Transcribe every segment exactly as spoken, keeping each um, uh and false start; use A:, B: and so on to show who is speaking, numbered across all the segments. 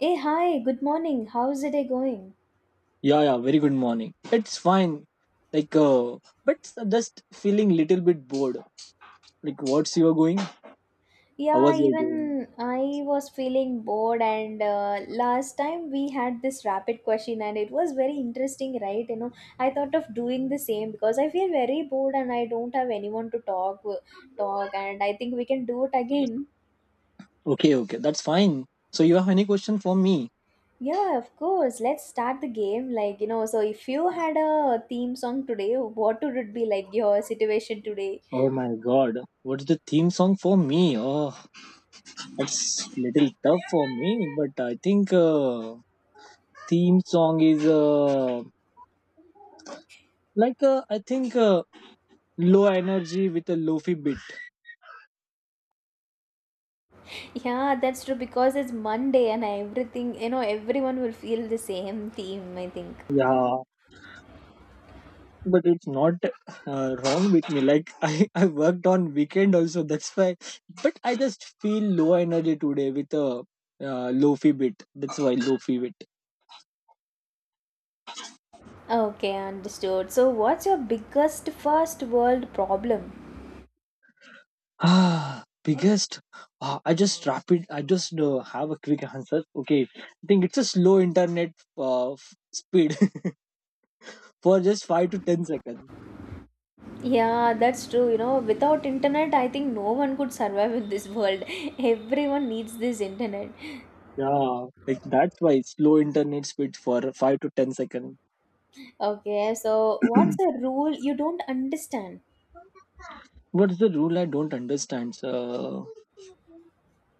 A: Hey, hi, good morning. How's the day going?
B: Yeah, yeah, very good morning. It's fine. Like, uh, but just feeling little bit bored. Like, what's you are going? How
A: Yeah,
B: was you going?
A: even I was feeling bored, and uh, last time we had this rapid question, and it was very interesting, right? You know, I thought of doing the same because I feel very bored and I don't have anyone to talk, talk, and I think we can do it again.
B: Okay, okay, that's fine. So, you have any question for me?
A: Yeah, of course. Let's start the game. Like, you know, so if you had a theme song today, what would it be like your situation today?
B: Oh my God, what's the theme song for me? Oh, that's little tough for me. But I think uh, theme song is uh, like uh, I think uh, low energy with a lofi beat.
A: Yeah, that's true because it's Monday and everything, you know, everyone will feel the same theme, I think.
B: Yeah, but it's not uh, wrong with me like I, I worked on weekend also, that's why, but I just feel low energy today with a uh, lofi bit, that's why lofi bit.
A: Okay, understood. So, what's your biggest first world problem?
B: Ah biggest Ah, I just rapid I just uh, have a quick answer, okay, I think it's a slow internet uh, f- speed for just five to ten seconds.
A: Yeah, that's true. You know, without internet, I think no one could survive in this world. Everyone needs this internet.
B: Yeah, like that's why slow internet speed for five to ten seconds.
A: Okay, so what's a rule you don't understand?
B: What's the rule I don't understand? So.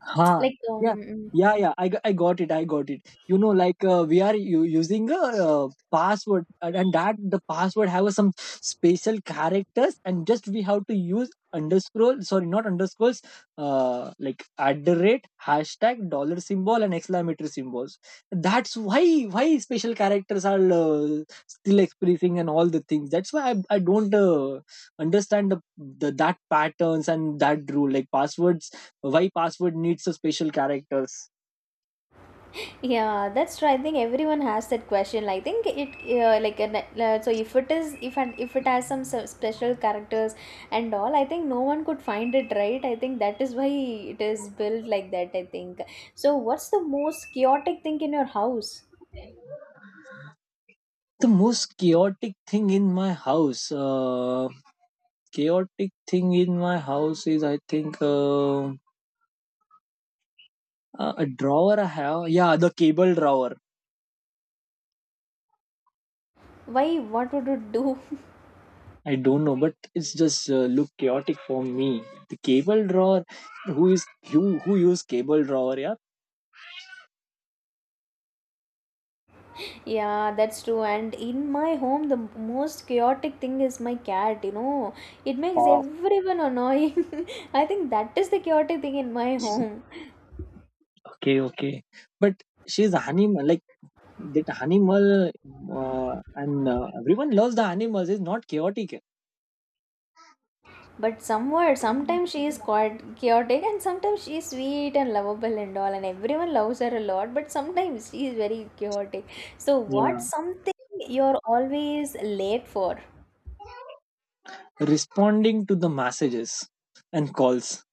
B: Huh.
A: Like,
B: Yeah.
A: um,
B: Yeah. Yeah. I, g- I got it. I got it. You know, like uh, we are u- using a uh, password, and and that the password have some special characters, and just we have to use underscore. Sorry, not underscores. Uh, like at the rate, hashtag, dollar symbol, and exclamatory symbols. That's why why special characters are uh, still expressing and all the things. That's why I, I don't uh, understand the, the that patterns and that rule. Like passwords, why password needs a special characters.
A: Yeah, that's right. I think everyone has that question. I think it uh, like an, uh, so if it is if and if it has some s- special characters and all, I think no one could find it right. I think that is why it is built like that, I think. So, what's the most chaotic thing in your house?
B: The most chaotic thing in my house, uh, chaotic thing in my house is I think uh, a a drawer I have, yeah, the cable drawer.
A: Why? What would it do?
B: I don't know, but it's just uh, look chaotic for me, the cable drawer. Who is who who use cable drawer, yeah.
A: Yeah, that's true. And in my home, the most chaotic thing is my cat. You know, it makes
B: Oh,
A: everyone annoying. I think that is the chaotic thing in my home.
B: okay, okay, but she's animal like that animal, uh, and uh, everyone loves the animals, is not chaotic.
A: But somewhere, sometimes she is quite chaotic and sometimes she is sweet and lovable and all, and everyone loves her a lot, but sometimes she is very chaotic. So,
B: Yeah,
A: what's something you're always late for?
B: responding to the messages and calls.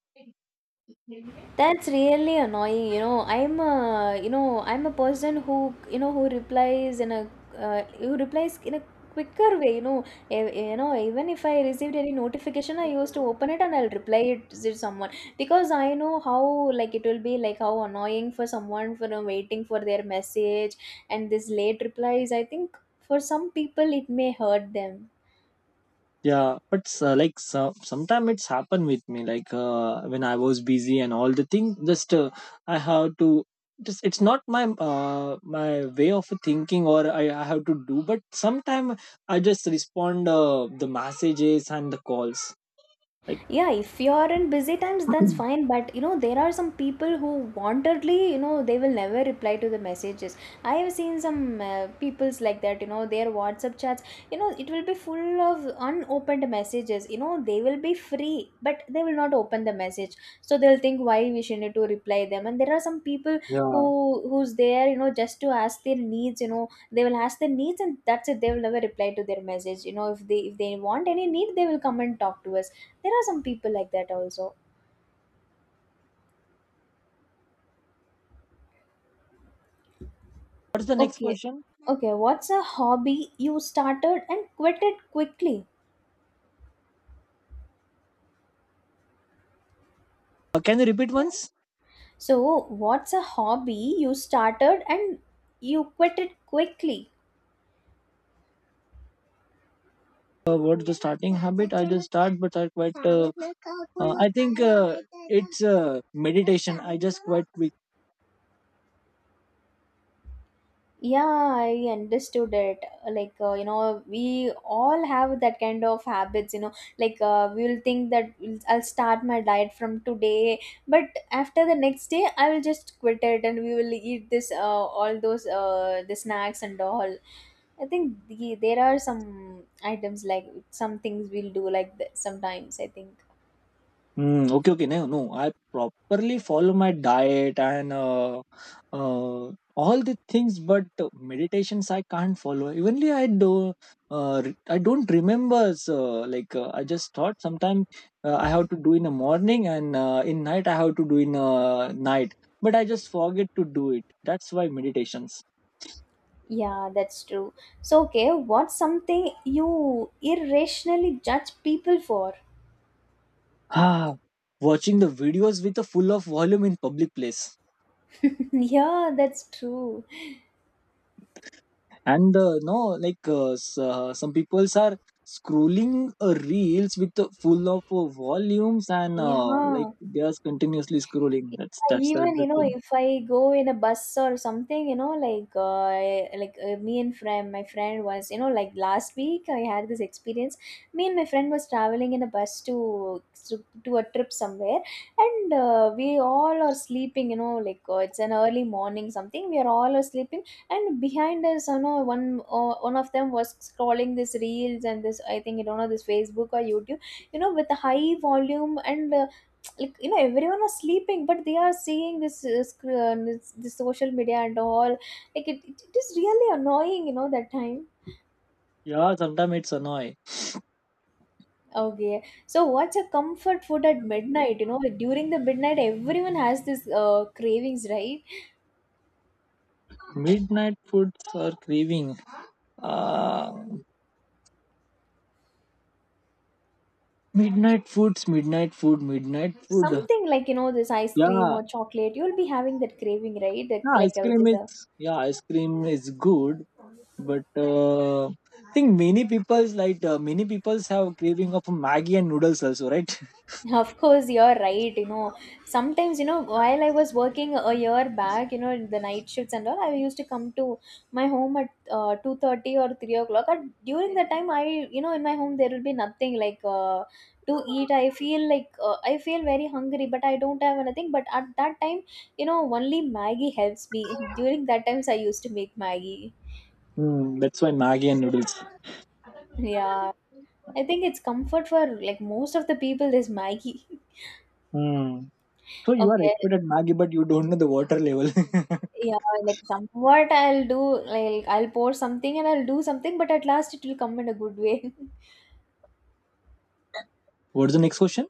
A: That's really annoying, you know. I'm a, you know, I'm a person who, you know, who replies in a, uh, who replies in a quicker way, you know. E- You know, even if I received any notification, I used to open it and I'll reply it to someone because I know how, like, it will be like how annoying for someone for uh, waiting for their message and this late replies. I think for some people it may hurt them.
B: Yeah, but uh, like so, sometimes it's happened with me like uh, when I was busy and all the thing, just uh, I have to, just it's not my uh, my way of thinking or I, I have to do, but sometime I just respond uh, the messages and the calls like.
A: Yeah, if you are in busy times, that's fine, but you know there are some people who wantedly, you know, they will never reply to the messages. I have seen some uh, people's like that, you know, their WhatsApp chats, you know, it will be full of unopened messages. You know, they will be free, but they will not open the message, so they'll think why we should need to reply them. And there are some people who
B: Yeah,
A: who's there, you know, just to ask their needs. You know, they will ask their needs and that's it. They will never reply to their message. You know, if they if they want any need, they will come and talk to us. There are some people like that also.
B: what's the next
A: Okay,
B: question?
A: okay, what's a hobby you started and quit it quickly?
B: Uh, can you repeat once?
A: So, what's a hobby you started and you quit it quickly?
B: Uh, what's the starting habit? I just start, but I quite. Uh, uh, I think uh, it's uh, meditation. I just quite quick.
A: Yeah, I understood it. Like, uh, you know, we all have that kind of habits, you know, like uh, we'll think that we'll- I'll start my diet from today, but after the next day, I will just quit it and we will eat this, uh, all those, uh, the snacks and all. I think the, there are some items like some things we'll do like that sometimes, I think.
B: Mm, okay, okay, no, no. I properly follow my diet and uh, uh, all the things, but meditations I can't follow. Evenly, I do. Uh, re- I don't remember. So, like uh, I just thought sometimes uh, I have to do in the morning and uh, in night I have to do in uh, night, but I just forget to do it. That's why meditations.
A: Yeah, that's true. So, okay, what's something you irrationally judge people for?
B: Ah, watching the videos with a full of volume in public place.
A: Yeah, that's true.
B: And uh, no, like uh, s- uh, some people are scrolling uh, reels with the full of uh, volumes and uh, like
A: Yeah,
B: they are continuously scrolling. That's
A: yeah,
B: that's
A: even
B: that's
A: you
B: the
A: know,
B: thing.
A: if I go in a bus or something, you know, like uh, like uh, me and friend my friend was, you know, like last week I had this experience. Me and my friend was traveling in a bus to to, to a trip somewhere, and uh, we all are sleeping, you know, like uh, it's an early morning something. We are all are sleeping, and behind us, you know, one uh, one of them was scrolling this reels, and this, I think you don't know this Facebook or YouTube, you know, with a high volume. And uh, like, you know, everyone was sleeping, but they are seeing this uh, sc- uh, this, this social media and all. Like it, it, it is really annoying, you know, that time.
B: Yeah, sometimes it's annoying.
A: Okay, so what's a comfort food at midnight? You know, like during the midnight, everyone has this uh, cravings, right?
B: Midnight foods are craving. Uh, midnight foods, midnight food, midnight food.
A: Something like, you know, this ice cream
B: Yeah,
A: or chocolate, you'll be having that craving, right? Like,
B: yeah, ice
A: like uh, which
B: cream
A: is
B: is,
A: a
B: yeah, ice cream is good, but uh, I think many people's like uh, many people's have craving of maggi and noodles also, right?
A: of course, you're right. You know, sometimes, you know, while I was working a year back, you know, in the night shifts and all, I used to come to my home at uh, two thirty or three o'clock. And during that time, I, you know, in my home, there will be nothing like uh, to eat. I feel like, uh, I feel very hungry, but I don't have anything. But at that time, you know, only Maggie helps me. During that times, I used to make Maggie.
B: Hmm, that's why maggi and noodles.
A: Yeah. I think it's comfort for like most of the people is Maggie.
B: Hmm. So you are
A: Okay.
B: expert at maggi, but you don't know the water level.
A: Yeah, like somewhat I'll do, like I'll pour something and I'll do something, but at last it will come in a good way.
B: What's the next question?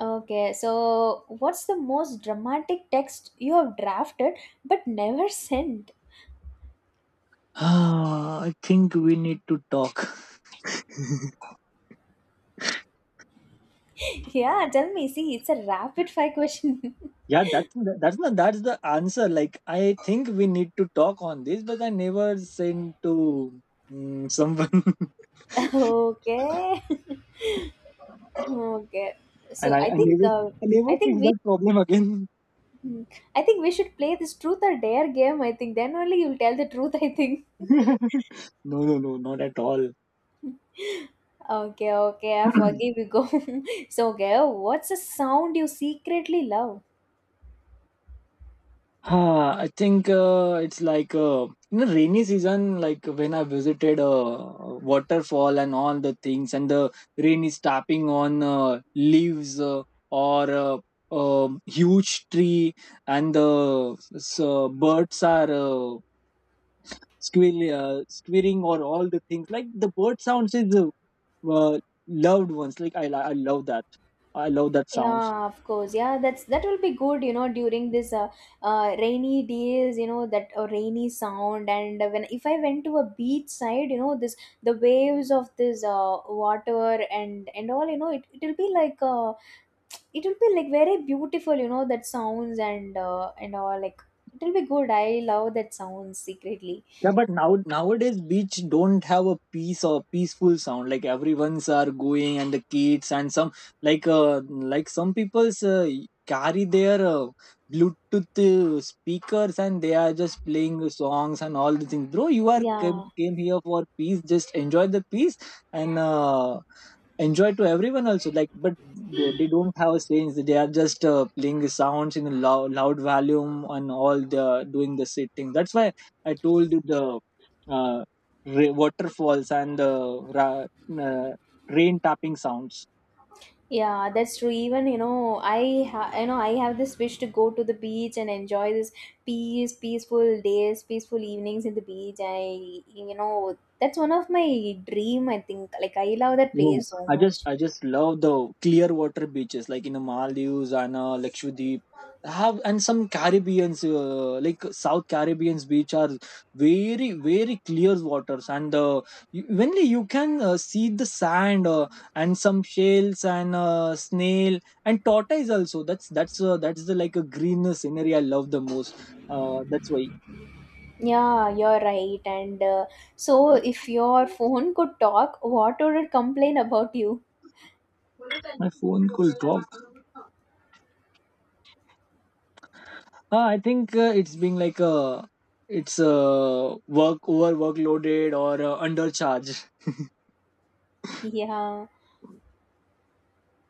A: Okay, so what's the most dramatic text you have drafted but never sent?
B: Ah, I think we need to talk.
A: Yeah, tell me. See, it's a rapid fire question.
B: Yeah, that's the- that's the that's the answer. Like I think we need to talk on this, but I never sent to, mm, someone.
A: Okay. Okay.
B: And
A: So
B: I,
A: I
B: I
A: think
B: never
A: uh,
B: I
A: I
B: never fix
A: think we
B: that problem again.
A: I think we should play this truth or dare game. I think then only you'll tell the truth, I think.
B: No, no, no, not at all.
A: Okay, okay, I forgive you. Go. So, okay, what's a sound you secretly love?
B: Ah, I think uh, it's like uh, in the rainy season, like when I visited uh, waterfall and all the things, and the rain is tapping on uh, leaves uh, or uh, um huge tree, and the s- uh, birds are uh, squeal, uh, squealing or all the things. Like the bird sounds is uh, uh, loved ones. Like I, I love that. I love that sounds.
A: Yeah, of course. Yeah, that's that will be good, you know, during this uh, uh rainy days, you know, that uh, rainy sound. And when if I went to a beach side, you know, this the waves of this uh water and and all, you know, it it'll be like uh it will be like very beautiful, you know, that sounds and uh and all. Like it'll be good. I love that sound secretly.
B: Yeah, but now nowadays beach don't have a peace or peaceful sound. Like everyone's are going and the kids and some like uh, like some people's uh, carry their uh, Bluetooth uh, speakers and they are just playing the songs and all the things. Bro, you are came,
A: Yeah.
B: came here for peace. Just enjoy the peace and uh, enjoy to everyone also. Like, but th- they don't have a sense. They are just uh, playing the sounds in a loud, loud volume and all the doing the same thing. That's why I told you the uh, ra- waterfalls and the ra- uh, rain tapping sounds.
A: Yeah, that's true. Even, you know, I ha- you know, I have this wish to go to the beach and enjoy this peace, peaceful days, peaceful evenings in the beach. I, you know, that's one of my dream. I think like I love that
B: Oh,
A: place so
B: I just
A: much.
B: I just love the clear water beaches like in the Maldives and uh, Lakshadweep. Have and some Caribbean's uh, like South Caribbean's beach are very very clear waters and uh, you, when you can uh, see the sand uh, and some shells and uh, snail and tortoise also. That's that's uh, that's the like a green scenery I love the most. Uh, that's why
A: Yeah, you're right. And uh, so, if your phone could talk, what would it complain about you?
B: my phone could drop. Uh, I think uh, it's being like a it's uh, work over workloaded or uh, undercharged.
A: Yeah.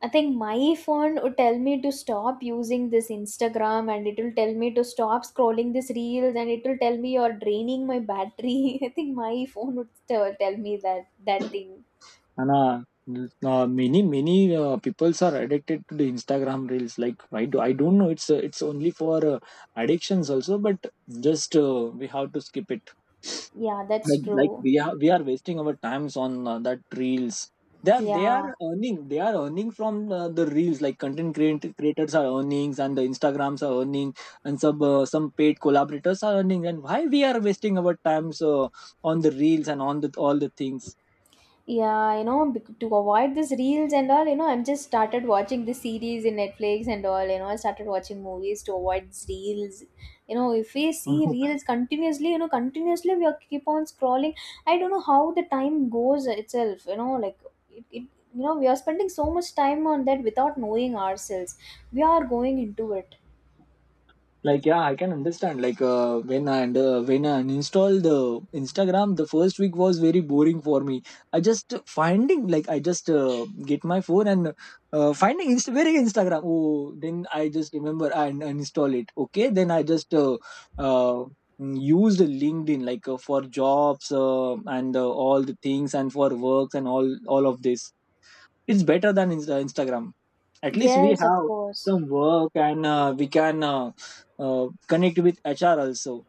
A: I think my phone would tell me to stop using this Instagram, and it will tell me to stop scrolling this reels, and it will tell me you're draining my battery. I think my phone would tell tell me that that thing.
B: And uh, uh, many many uh, peoples are addicted to the Instagram reels. Like why do I don't know. It's uh, it's only for uh, addictions also, but just uh, we have to skip it.
A: Yeah, that's
B: But like
A: true.
B: we are we are wasting our times on uh, that reels. They are they are
A: Yeah.
B: earning they are earning from uh, the reels, like content creat- creators are earnings and the Instagrams are earning and some uh, some paid collaborators are earning, and why we are wasting our times uh, on the reels and on the all the things.
A: Yeah, you know, bec- to avoid these reels and all, you know, I'm just started watching the series in Netflix and all. You know, I started watching movies to avoid these reels. You know, if we see reels continuously, you know, continuously we are keep on scrolling. I don't know how the time goes itself, you know, like it, it you know, we are spending so much time on that without knowing ourselves. We are going into it.
B: Like, yeah, I can understand like uh, when i and uh, when I uninstalled the instagram, the first week was very boring for me. I just finding like I just uh, get my phone and uh, finding Inst- where is instagram? Oh, then I just remember and uninstall it. Okay, then I just uh, uh, used linkedin like uh, for jobs uh, and uh, all the things and for works and all all of this, it's better than Insta- instagram. At least we
A: Yes, of
B: have
A: course.
B: some work and uh, we can uh, uh, connect with hr also.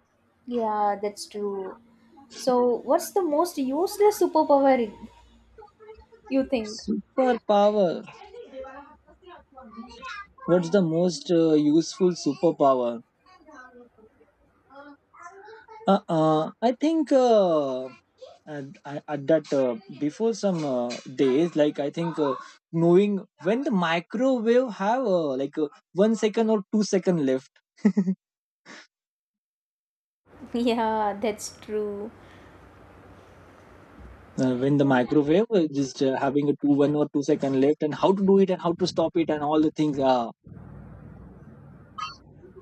A: Yeah, that's true. So, what's the most useless superpower you think?
B: Superpower, what's the most uh, useful superpower? Uh, uh, I think uh, at, at that uh, Before some uh, days, like I think uh, knowing when the microwave have uh, like uh, one second or two second left.
A: Yeah, that's true.
B: Uh, when the microwave uh, just uh, having a two one or two second left, and how to do it and how to stop it and all the things. Ah,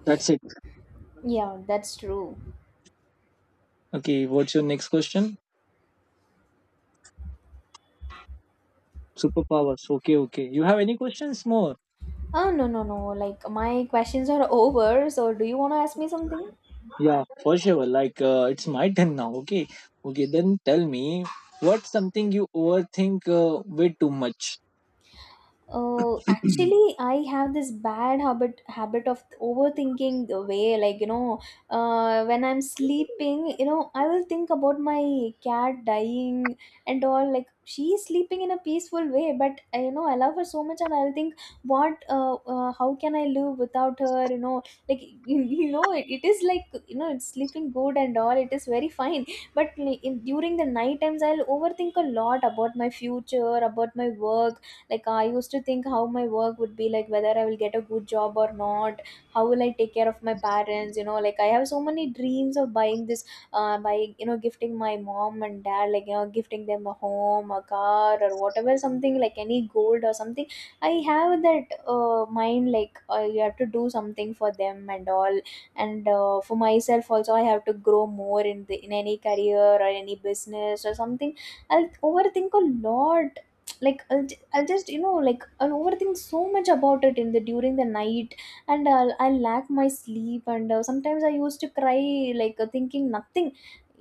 B: that's it.
A: Yeah, that's true.
B: Okay, what's your next question? Superpowers, okay, okay, you have any questions more?
A: Oh, no, no, no. Like, my questions are over. So, do you want to ask me something?
B: Yeah, for sure, like uh, it's my turn now. Okay, okay, then tell me, what's something you overthink uh, way too much?
A: Uh, actually, I have this bad habit habit of overthinking the way, like, you know, uh, when I'm sleeping, you know, I will think about my cat dying and all. Like, she's sleeping in a peaceful way, but uh, you know, I love her so much, and I'll think, what, uh, uh, how can I live without her? You know, like you know, it, it is like, you know, it's sleeping good and all. It is very fine, but like, in, during the night times, I'll overthink a lot about my future, about my work. Like, I used to think how my work would be, like whether I will get a good job or not, how will I take care of my parents. You know, like I have so many dreams of buying this, uh, by you know gifting my mom and dad, like you know gifting them a home, a car, or whatever, something like any gold or something. I have that uh, mind, like uh, you have to do something for them and all. And uh, for myself also, I have to grow more in the in any career or any business or something. I'll overthink a lot. like i'll I'll just, you know, like I'll overthink so much about it in the during the night, and I'll I'll lack my sleep, and uh, sometimes I used to cry, like uh, thinking nothing.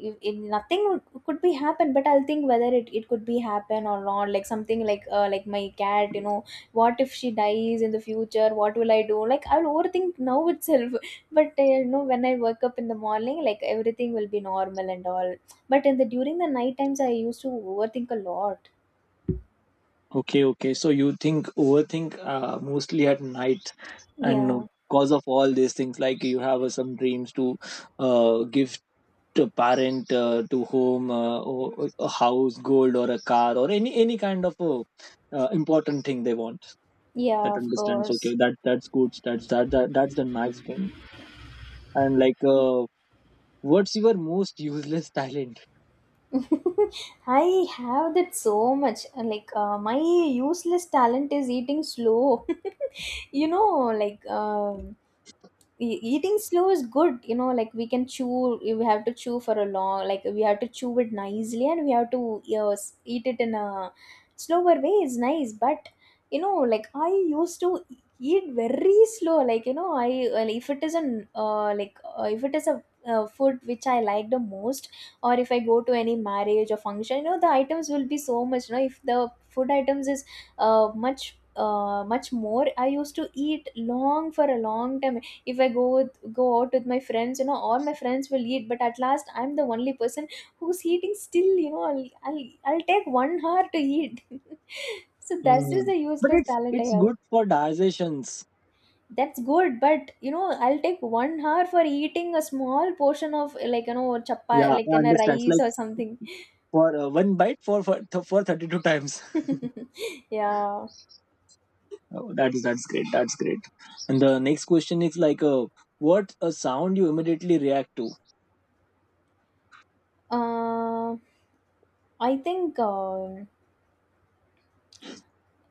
A: If, if nothing would- could be happen, but I'll think whether it, it could be happen or not. Like something like uh, like my cat, you know, what if she dies in the future? What will I do? Like I'll overthink now itself, but uh, you know, when I wake up in the morning, like everything will be normal and all. But in the during the night times, I used to overthink a lot.
B: Okay, okay, so you think overthink uh, mostly at night, and
A: Yeah.
B: cause of all these things like you have uh, some dreams to uh, give to parent uh, to whom uh, or, a house, gold, or a car, or any any kind of uh, uh, important thing they want.
A: Yeah,
B: That
A: of
B: understands. Okay,
A: course.
B: that that's good. That's that, that that's the max thing. And like, uh, what's your most useless talent?
A: I have that so much. Like, uh, my useless talent is eating slow. You know, like, um, e- eating slow is good, you know, like we can chew, we have to chew for a long, like we have to chew it nicely, and we have to you s- eat it in a slower way is nice. But you know, like I used to eat very slow, like you know, I, well, if it is an uh, like uh, if it is a uh, food which I like the most, or if I go to any marriage or function, you know, the items will be so much, you know, if the food items is uh, much uh, much more, I used to eat long for a long time. If I go with, go out with my friends, you know, all my friends will eat, but at last I'm the only person who's eating still. You know, i'll i'll, I'll take one hour to eat. So this is
B: Hmm.
A: the
B: But
A: useless
B: it's
A: talent I
B: it's
A: have.
B: good for digestions.
A: That's good, but you know, I'll take one hour for eating a small portion of, like you know, chappa,
B: Yeah,
A: like
B: I
A: in a
B: understand. It's
A: rice
B: like
A: or something.
B: for uh, one bite for for, th- for thirty two times.
A: Yeah.
B: Oh, that is that's great. That's great. And the next question is like, uh, what a sound you immediately react to?
A: Uh, I think uh,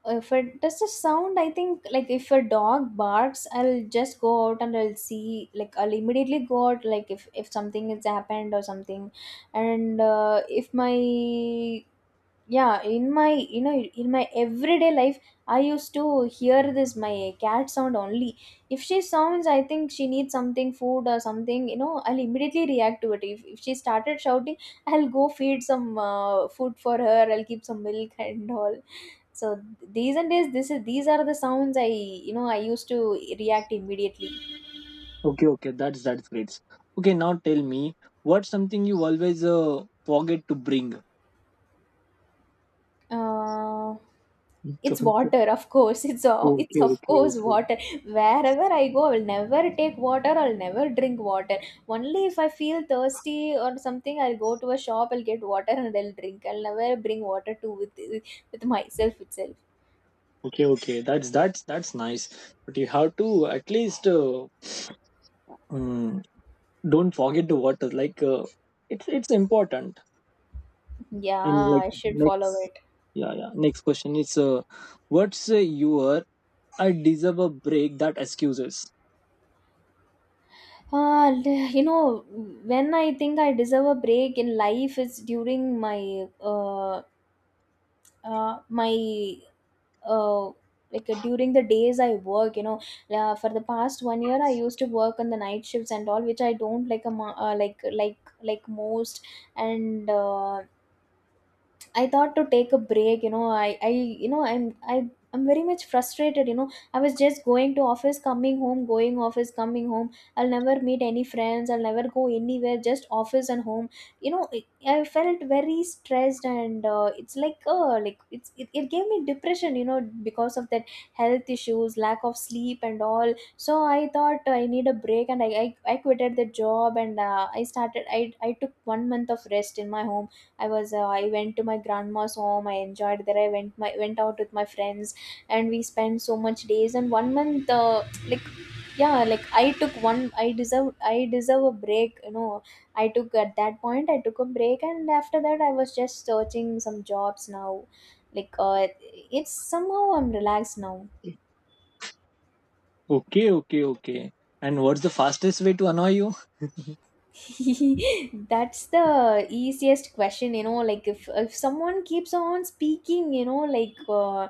A: if it does the sound, I think, like if a dog barks, I'll just go out and I'll see, like I'll immediately go out, like if if something has happened or something. And uh, if my, yeah, in my you know in my everyday life, I used to hear this, my cat sound only. If she sounds, I think she needs something, food or something, you know, I'll immediately react to it. If, if she started shouting, I'll go feed some uh, food for her, I'll keep some milk and all. So these and days this is these are the sounds I, you know, I used to react immediately.
B: Okay, okay, that's that's great. Okay, now tell me, what's something you always uh, forget to bring?
A: Uh, it's
B: Don't-
A: water, of course. It's o- it's,
B: okay,
A: of
B: okay,
A: course,
B: okay,
A: water. Wherever I go, I will never take water. I'll never drink water. Only if I feel thirsty or something, I'll go to a shop. I'll get water and I'll drink. I'll never bring water to with with myself itself.
B: okay, okay. That's that's that's nice. But you have to at least uh, mm, don't forget the water. Like uh, it's it's important.
A: Yeah,
B: And like
A: I should follow
B: next,
A: it.
B: yeah, yeah. Next question is uh, what's uh, your "I deserve a break" that excuses.
A: Uh, l- you know, when I think I deserve a break in life is during my uh, uh, my uh, like uh, during the days I work, you know, uh, for the past one year I used to work on the night shifts and all, which I don't like a mo- uh, like like like most. And uh, I thought to take a break. You know, I, I, you know, I'm, I, I'm very much frustrated, you know. I was just going to office, coming home, going office, coming home. I'll never meet any friends. I'll never go anywhere. Just office and home. You know, it, I felt very stressed, and uh, it's like, uh, like it's, it, it gave me depression, you know, because of that, health issues, lack of sleep, and all. So I thought I need a break, and I, I, I quitted the job, and uh, I started. I, I took one month of rest in my home. I was uh, I went to my grandma's home. I enjoyed there. I went my went out with my friends, and we spent so much days. And one month, uh, like, yeah, like I took one. I deserve I deserve a break, you know, I took at that point. I took a break, and after that, I was just searching some jobs now. Like uh, it's somehow I'm relaxed now.
B: Okay, okay, okay. And what's the fastest way to annoy you?
A: That's the easiest question, you know. Like if if someone keeps on speaking, you know, like uh,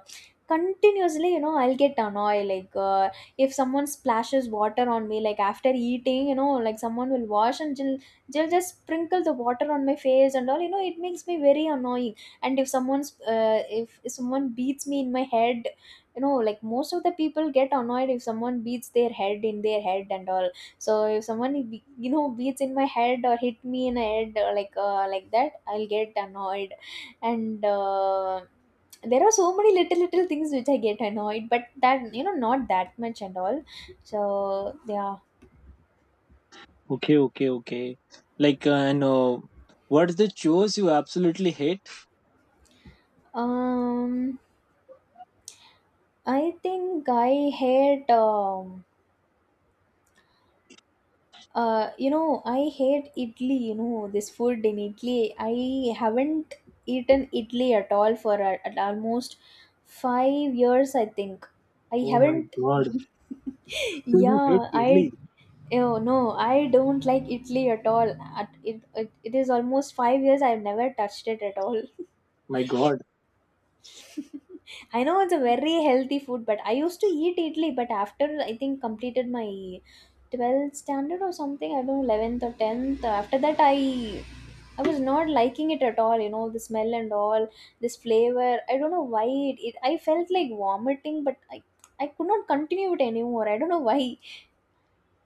A: continuously, you know, I'll get annoyed. Like uh, if someone splashes water on me, like after eating, you know, like someone will wash and they'll, they'll just sprinkle the water on my face and all. You know, it makes me very annoying. And if someone's uh, if, if someone beats me in my head, you know, like most of the people get annoyed if someone beats their head in their head and all. So if someone be- you know, beats in my head or hit me in the head or like uh, like that, I'll get annoyed, and uh, there are so many little little things which I get annoyed, but that you know not that much and all. So yeah,
B: Okay, okay, okay. Like, uh, and uh, what's the chores you absolutely hate?
A: um, I think I hate um Uh, you know, I hate idli, you know, this food in Italy. I haven't eaten Italy at all for a, at almost five years, I think. I
B: Oh my
A: haven't.
B: god. So you hate
A: Yeah,
B: idli?
A: I. Oh no, I don't like Italy at all. At, it, it, it is almost five years I've never touched it at all.
B: My god.
A: I know it's a very healthy food, but I used to eat idli. But after I think completed my twelfth standard or something, I don't know eleventh or tenth. After that, I I was not liking it at all. You know the smell and all this flavor. I don't know why it. It I felt like vomiting, but I I could not continue it anymore. I don't know why.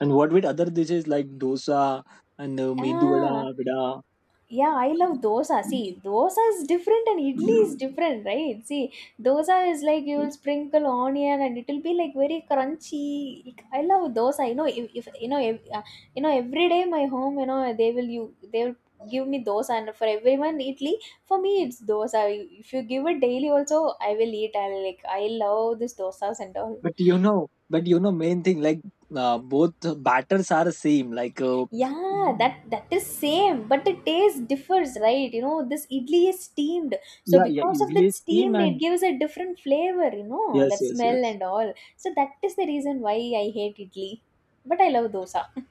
B: And what with other dishes like dosa and uh, mendu
A: Ah,
B: vada, vada?
A: yeah, I love dosa. See, dosa is different and idli is different, right? See, dosa is like you will sprinkle onion and it will be like very crunchy. Like, I love dosa. You know, if, if you know, ev- uh, you know, every day my home, you know, they will you they will give me dosa, and for everyone idli, for me it's dosa. If you give it daily, also I will eat. I like I love this dosas and all.
B: But you know, but you know, main thing like uh, both batters are same. Like, uh,
A: Yeah, that that is same, but the taste differs, right? You know, this idli is steamed, so
B: yeah, yeah,
A: because of
B: idli
A: that
B: is same
A: steamed,
B: and
A: it gives a different flavor. You know,
B: yes,
A: that
B: yes,
A: smell
B: yes.
A: and all. So that is the reason why I hate idli, but I love dosa.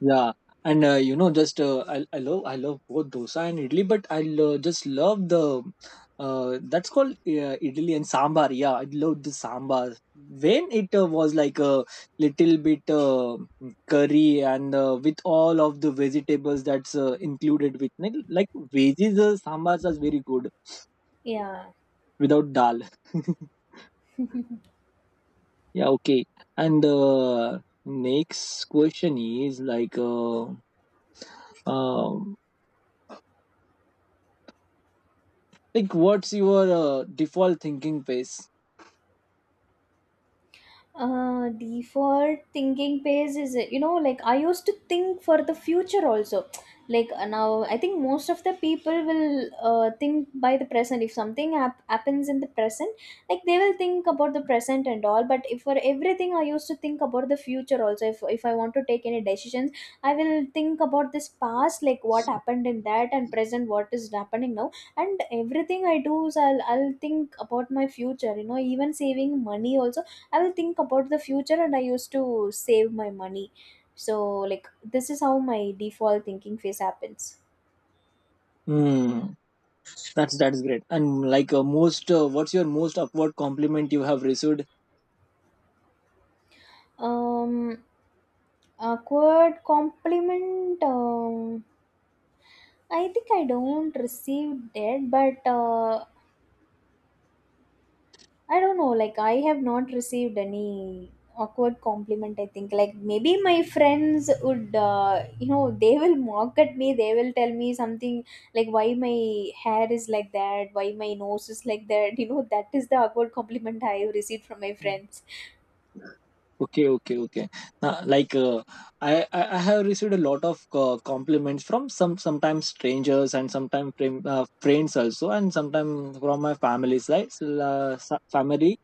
B: Yeah, and uh, you know, just uh, I I love I love both dosa and idli, but I lo- just love the uh, that's called uh, idli and sambar. Yeah, I love the sambar when it uh, was like a little bit uh, curry and uh, with all of the vegetables that's uh, included with like like veggies. Uh, sambars is very good
A: Yeah.
B: without dal. Yeah, okay. And uh, next question is like uh, um Like, what's your uh, default thinking pace?
A: Uh default thinking phase is, you know, like I used to think for the future also. Like uh, now I think most of the people will uh, think by the present. If something hap- happens in the present, like they will think about the present and all. But if for everything I used to think about the future also. If, if I want to take any decisions, I will think about this past, like what happened in that, and present what is happening now. And everything I do is i'll, I'll think about my future. You know, even saving money also I will think about the future and I used to save my money. So like this is how my default thinking phase happens.
B: Hmm, that's that's great. And like uh, most, uh, what's your most upward compliment you have received?
A: Um Awkward compliment, um I think I don't receive it, but uh, I don't know, like I have not received any awkward compliment, I think. Like maybe my friends would, uh, you know, they will mock at me, they will tell me something, like why my hair is like that, why my nose is like that. You know, that is the awkward compliment I have received from my friends.
B: Okay, okay, okay. Uh, like, uh, I, I I have received a lot of uh, compliments from some sometimes strangers and sometimes friend, uh, friends also and sometimes from my family side, uh, sa- family,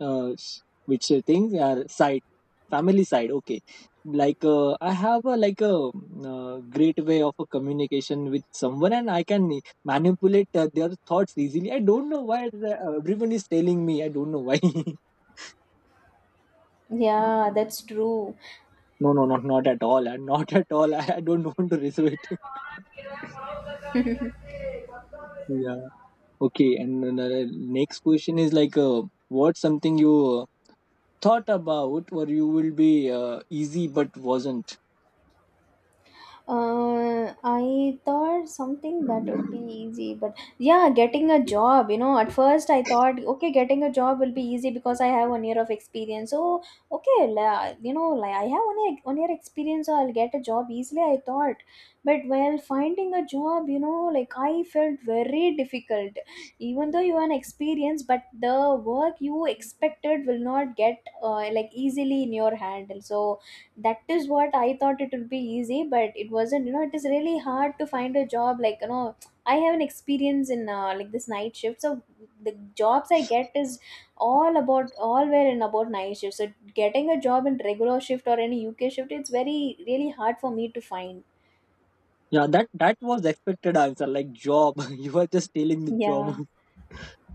B: uh, s- which things are side family side. Okay, like uh, I have a like a mm, uh, great way of a communication with someone and I can manipulate uh, their thoughts easily. I don't know why uh, everyone is telling me. I don't know why.
A: Yeah, that's true.
B: No, no, not not at all. And not at all. I don't want to receive it. Yeah. Okay. And then the next question is like, uh, what's something you uh, thought about, or you will be uh, easy, but wasn't?
A: Uh, I thought something that would be easy, but yeah, getting a job. You know, at first I thought, okay, getting a job will be easy because I have one year of experience. So, okay, la- you know, like I have one year, one year experience, so I'll get a job easily. I thought, but while finding a job, you know, like I felt very difficult. Even though you have an experience, but the work you expected will not get uh, like easily in your hand. So that is what I thought it would be easy, but it wasn't. You know, it is really hard to find a job. Like you know, I have an experience in uh, like this night shift. So the jobs I get is all about all were in about night shift. So getting a job in regular shift or any UK shift, it's very really hard for me to find.
B: Yeah, that that was expected answer. Like job, you are just telling the job.
A: Yeah,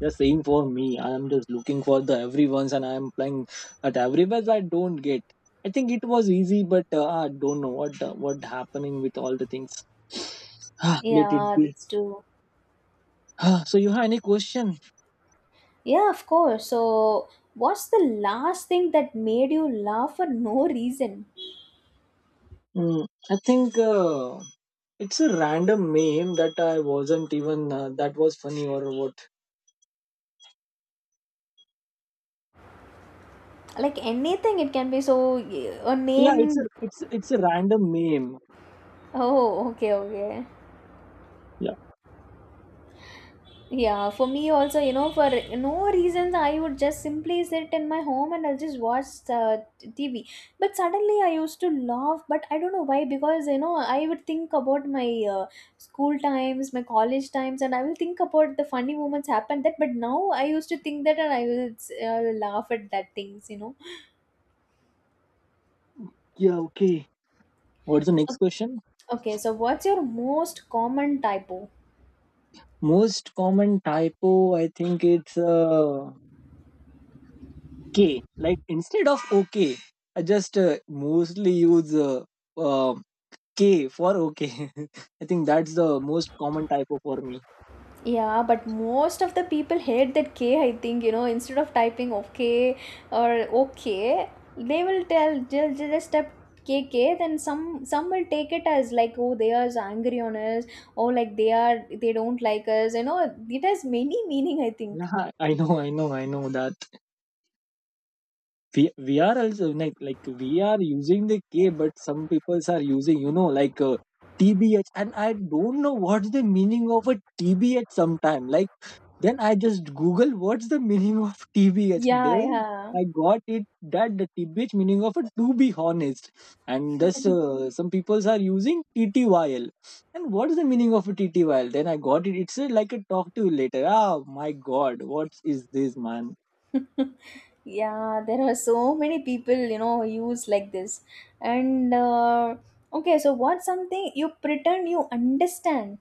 B: Yeah, same for me. I am just looking for the everyone's, and I am playing at everywhere. I don't get. I think it was easy, but uh, I don't know what uh, what happening with all the things. Let it
A: yeah,
B: be.
A: that's true.
B: Ah, so you have any question?
A: Yeah, of course. So, what's the last thing that made you laugh for no reason?
B: Mm, I think uh, it's a random meme that I wasn't even uh, that was funny or what.
A: Like anything, it can be, so a
B: Yeah, it's a
A: name.
B: it's it's a random meme.
A: Oh, okay, okay.
B: Yeah,
A: Yeah, for me also, you know, for no reasons, I would just simply sit in my home and I'll just watch uh, T V. But suddenly I used to laugh, but I don't know why, because, you know, I would think about my uh, school times, my college times, and I will think about the funny moments happened that, but now I used to think that and I will uh, laugh at that things, you know.
B: yeah, okay. What's the next question?
A: Okay, so what's your most common typo?
B: Most common typo, I think it's uh, K. Like instead of OK, I just uh, mostly use uh, uh, K for OK. I think that's the most common typo for me.
A: Yeah, but most of the people hate that K, I think, you know, instead of typing okay or okay, they will tell just, just type K K, then some some will take it as like, oh, they are angry on us, or like they are they don't like us, you know, it has many meaning, I think.
B: Yeah, I know, I know, I know that. we we are also like like we are using the K, but some people are using you know like uh, T B H, and I don't know what's the meaning of a T B H. Sometime like then I just Google what's the meaning of T B H. Then
A: Yeah,
B: I got it that the T B H meaning of a to be honest, and thus uh, some people are using T T Y L. And what is the meaning of a T T Y L? Then I got it. It's uh, like a talk to you later. Ah, my God, what is this man?
A: yeah. Yeah, there are so many people, you know, use like this. And uh, okay, so what's something you pretend you understand?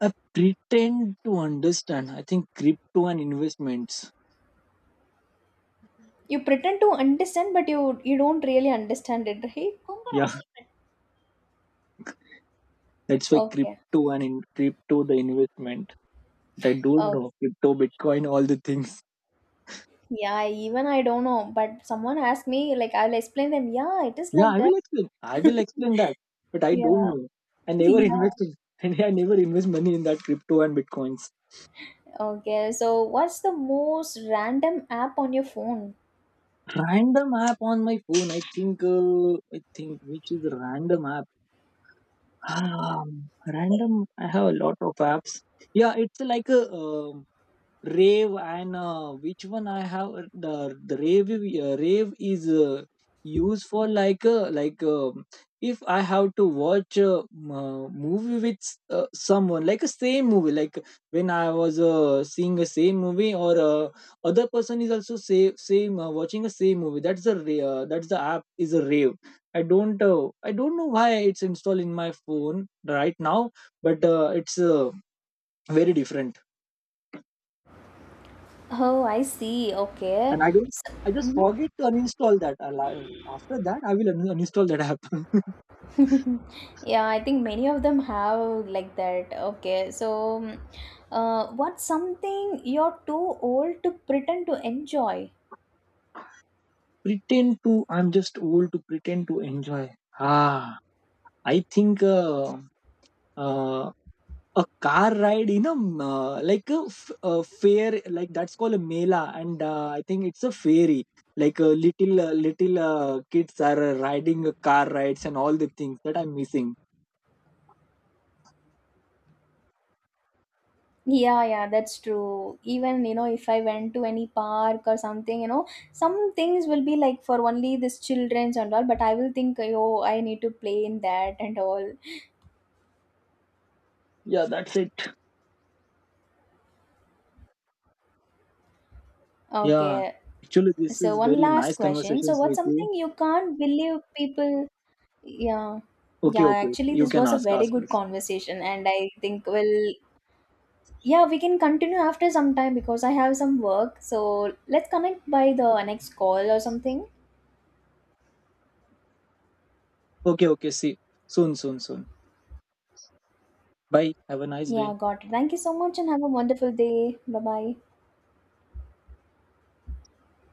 B: I pretend to understand. I think crypto and investments.
A: You pretend to understand, but you you don't really understand it, right?
B: Yeah, that's why
A: Okay.
B: crypto and in crypto the investment. But I don't
A: Oh,
B: know crypto, Bitcoin, all the things.
A: yeah. Even I don't know, but someone asked me, like, I'll explain them. Yeah, it is
B: Yeah,
A: like
B: I
A: that.
B: will explain. I will explain that, but I don't
A: Yeah.
B: know. I never
A: Yeah.
B: invested. And I never invest money in that crypto and bitcoins.
A: Okay. So, what's the most random app on your phone?
B: Random app on my phone. I think. Uh, I think which is random app. Ah, random. I have a lot of apps. Yeah, it's like a um rave and uh, which one I have uh, the the rave uh, rave is uh, used for like uh, like um if I have to watch a m- uh, movie with s- uh, someone like a same movie like when I was uh, seeing a same movie or uh, other person is also same same uh, watching a same movie that's a ra- uh, that's the app is a rave I don't uh, I don't know why it's installed in my phone right now but uh, it's uh, very different
A: Oh, I see. Okay.
B: and I don't.
A: So,
B: I just
A: mhm.
B: forget to uninstall that. I'll, I, after that, I will un- uninstall that app.
A: Yeah, I think many of them have like that. Okay, so mm, uh, what's something you're too old to pretend to enjoy?
B: Pretend to. I'm just old to pretend to enjoy. Ah, I think uh, uh, a car ride in a um, uh, like a, f- a fair like that's called a mela, and uh, I think it's a fairy. Like uh, little uh, little uh, kids are uh, riding uh, car rides and all the things that I'm missing.
A: Yeah, yeah, that's true. Even, you know, if I went to any park or something, you know, some things will be like for only this children's and all, but I will think, oh, I need to play in that and all.
B: Yeah, that's it. Yeah,
A: Okay,
B: actually, this
A: so
B: is
A: one
B: very
A: last
B: nice
A: question. So,
B: conversations
A: what's
B: with you.
A: something you can't believe people. Yeah.
B: Okay,
A: Yeah,
B: okay, okay.
A: actually
B: You
A: this
B: can
A: was a
B: ask,
A: very
B: ask
A: good
B: us.
A: conversation and I think we'll, yeah, we can continue after some time because I have some work. So let's connect by the next call or something.
B: Okay, okay. See, soon, soon, soon. Bye. Have a nice day.
A: Yeah, got it. Thank you so much and have a wonderful day. Bye bye.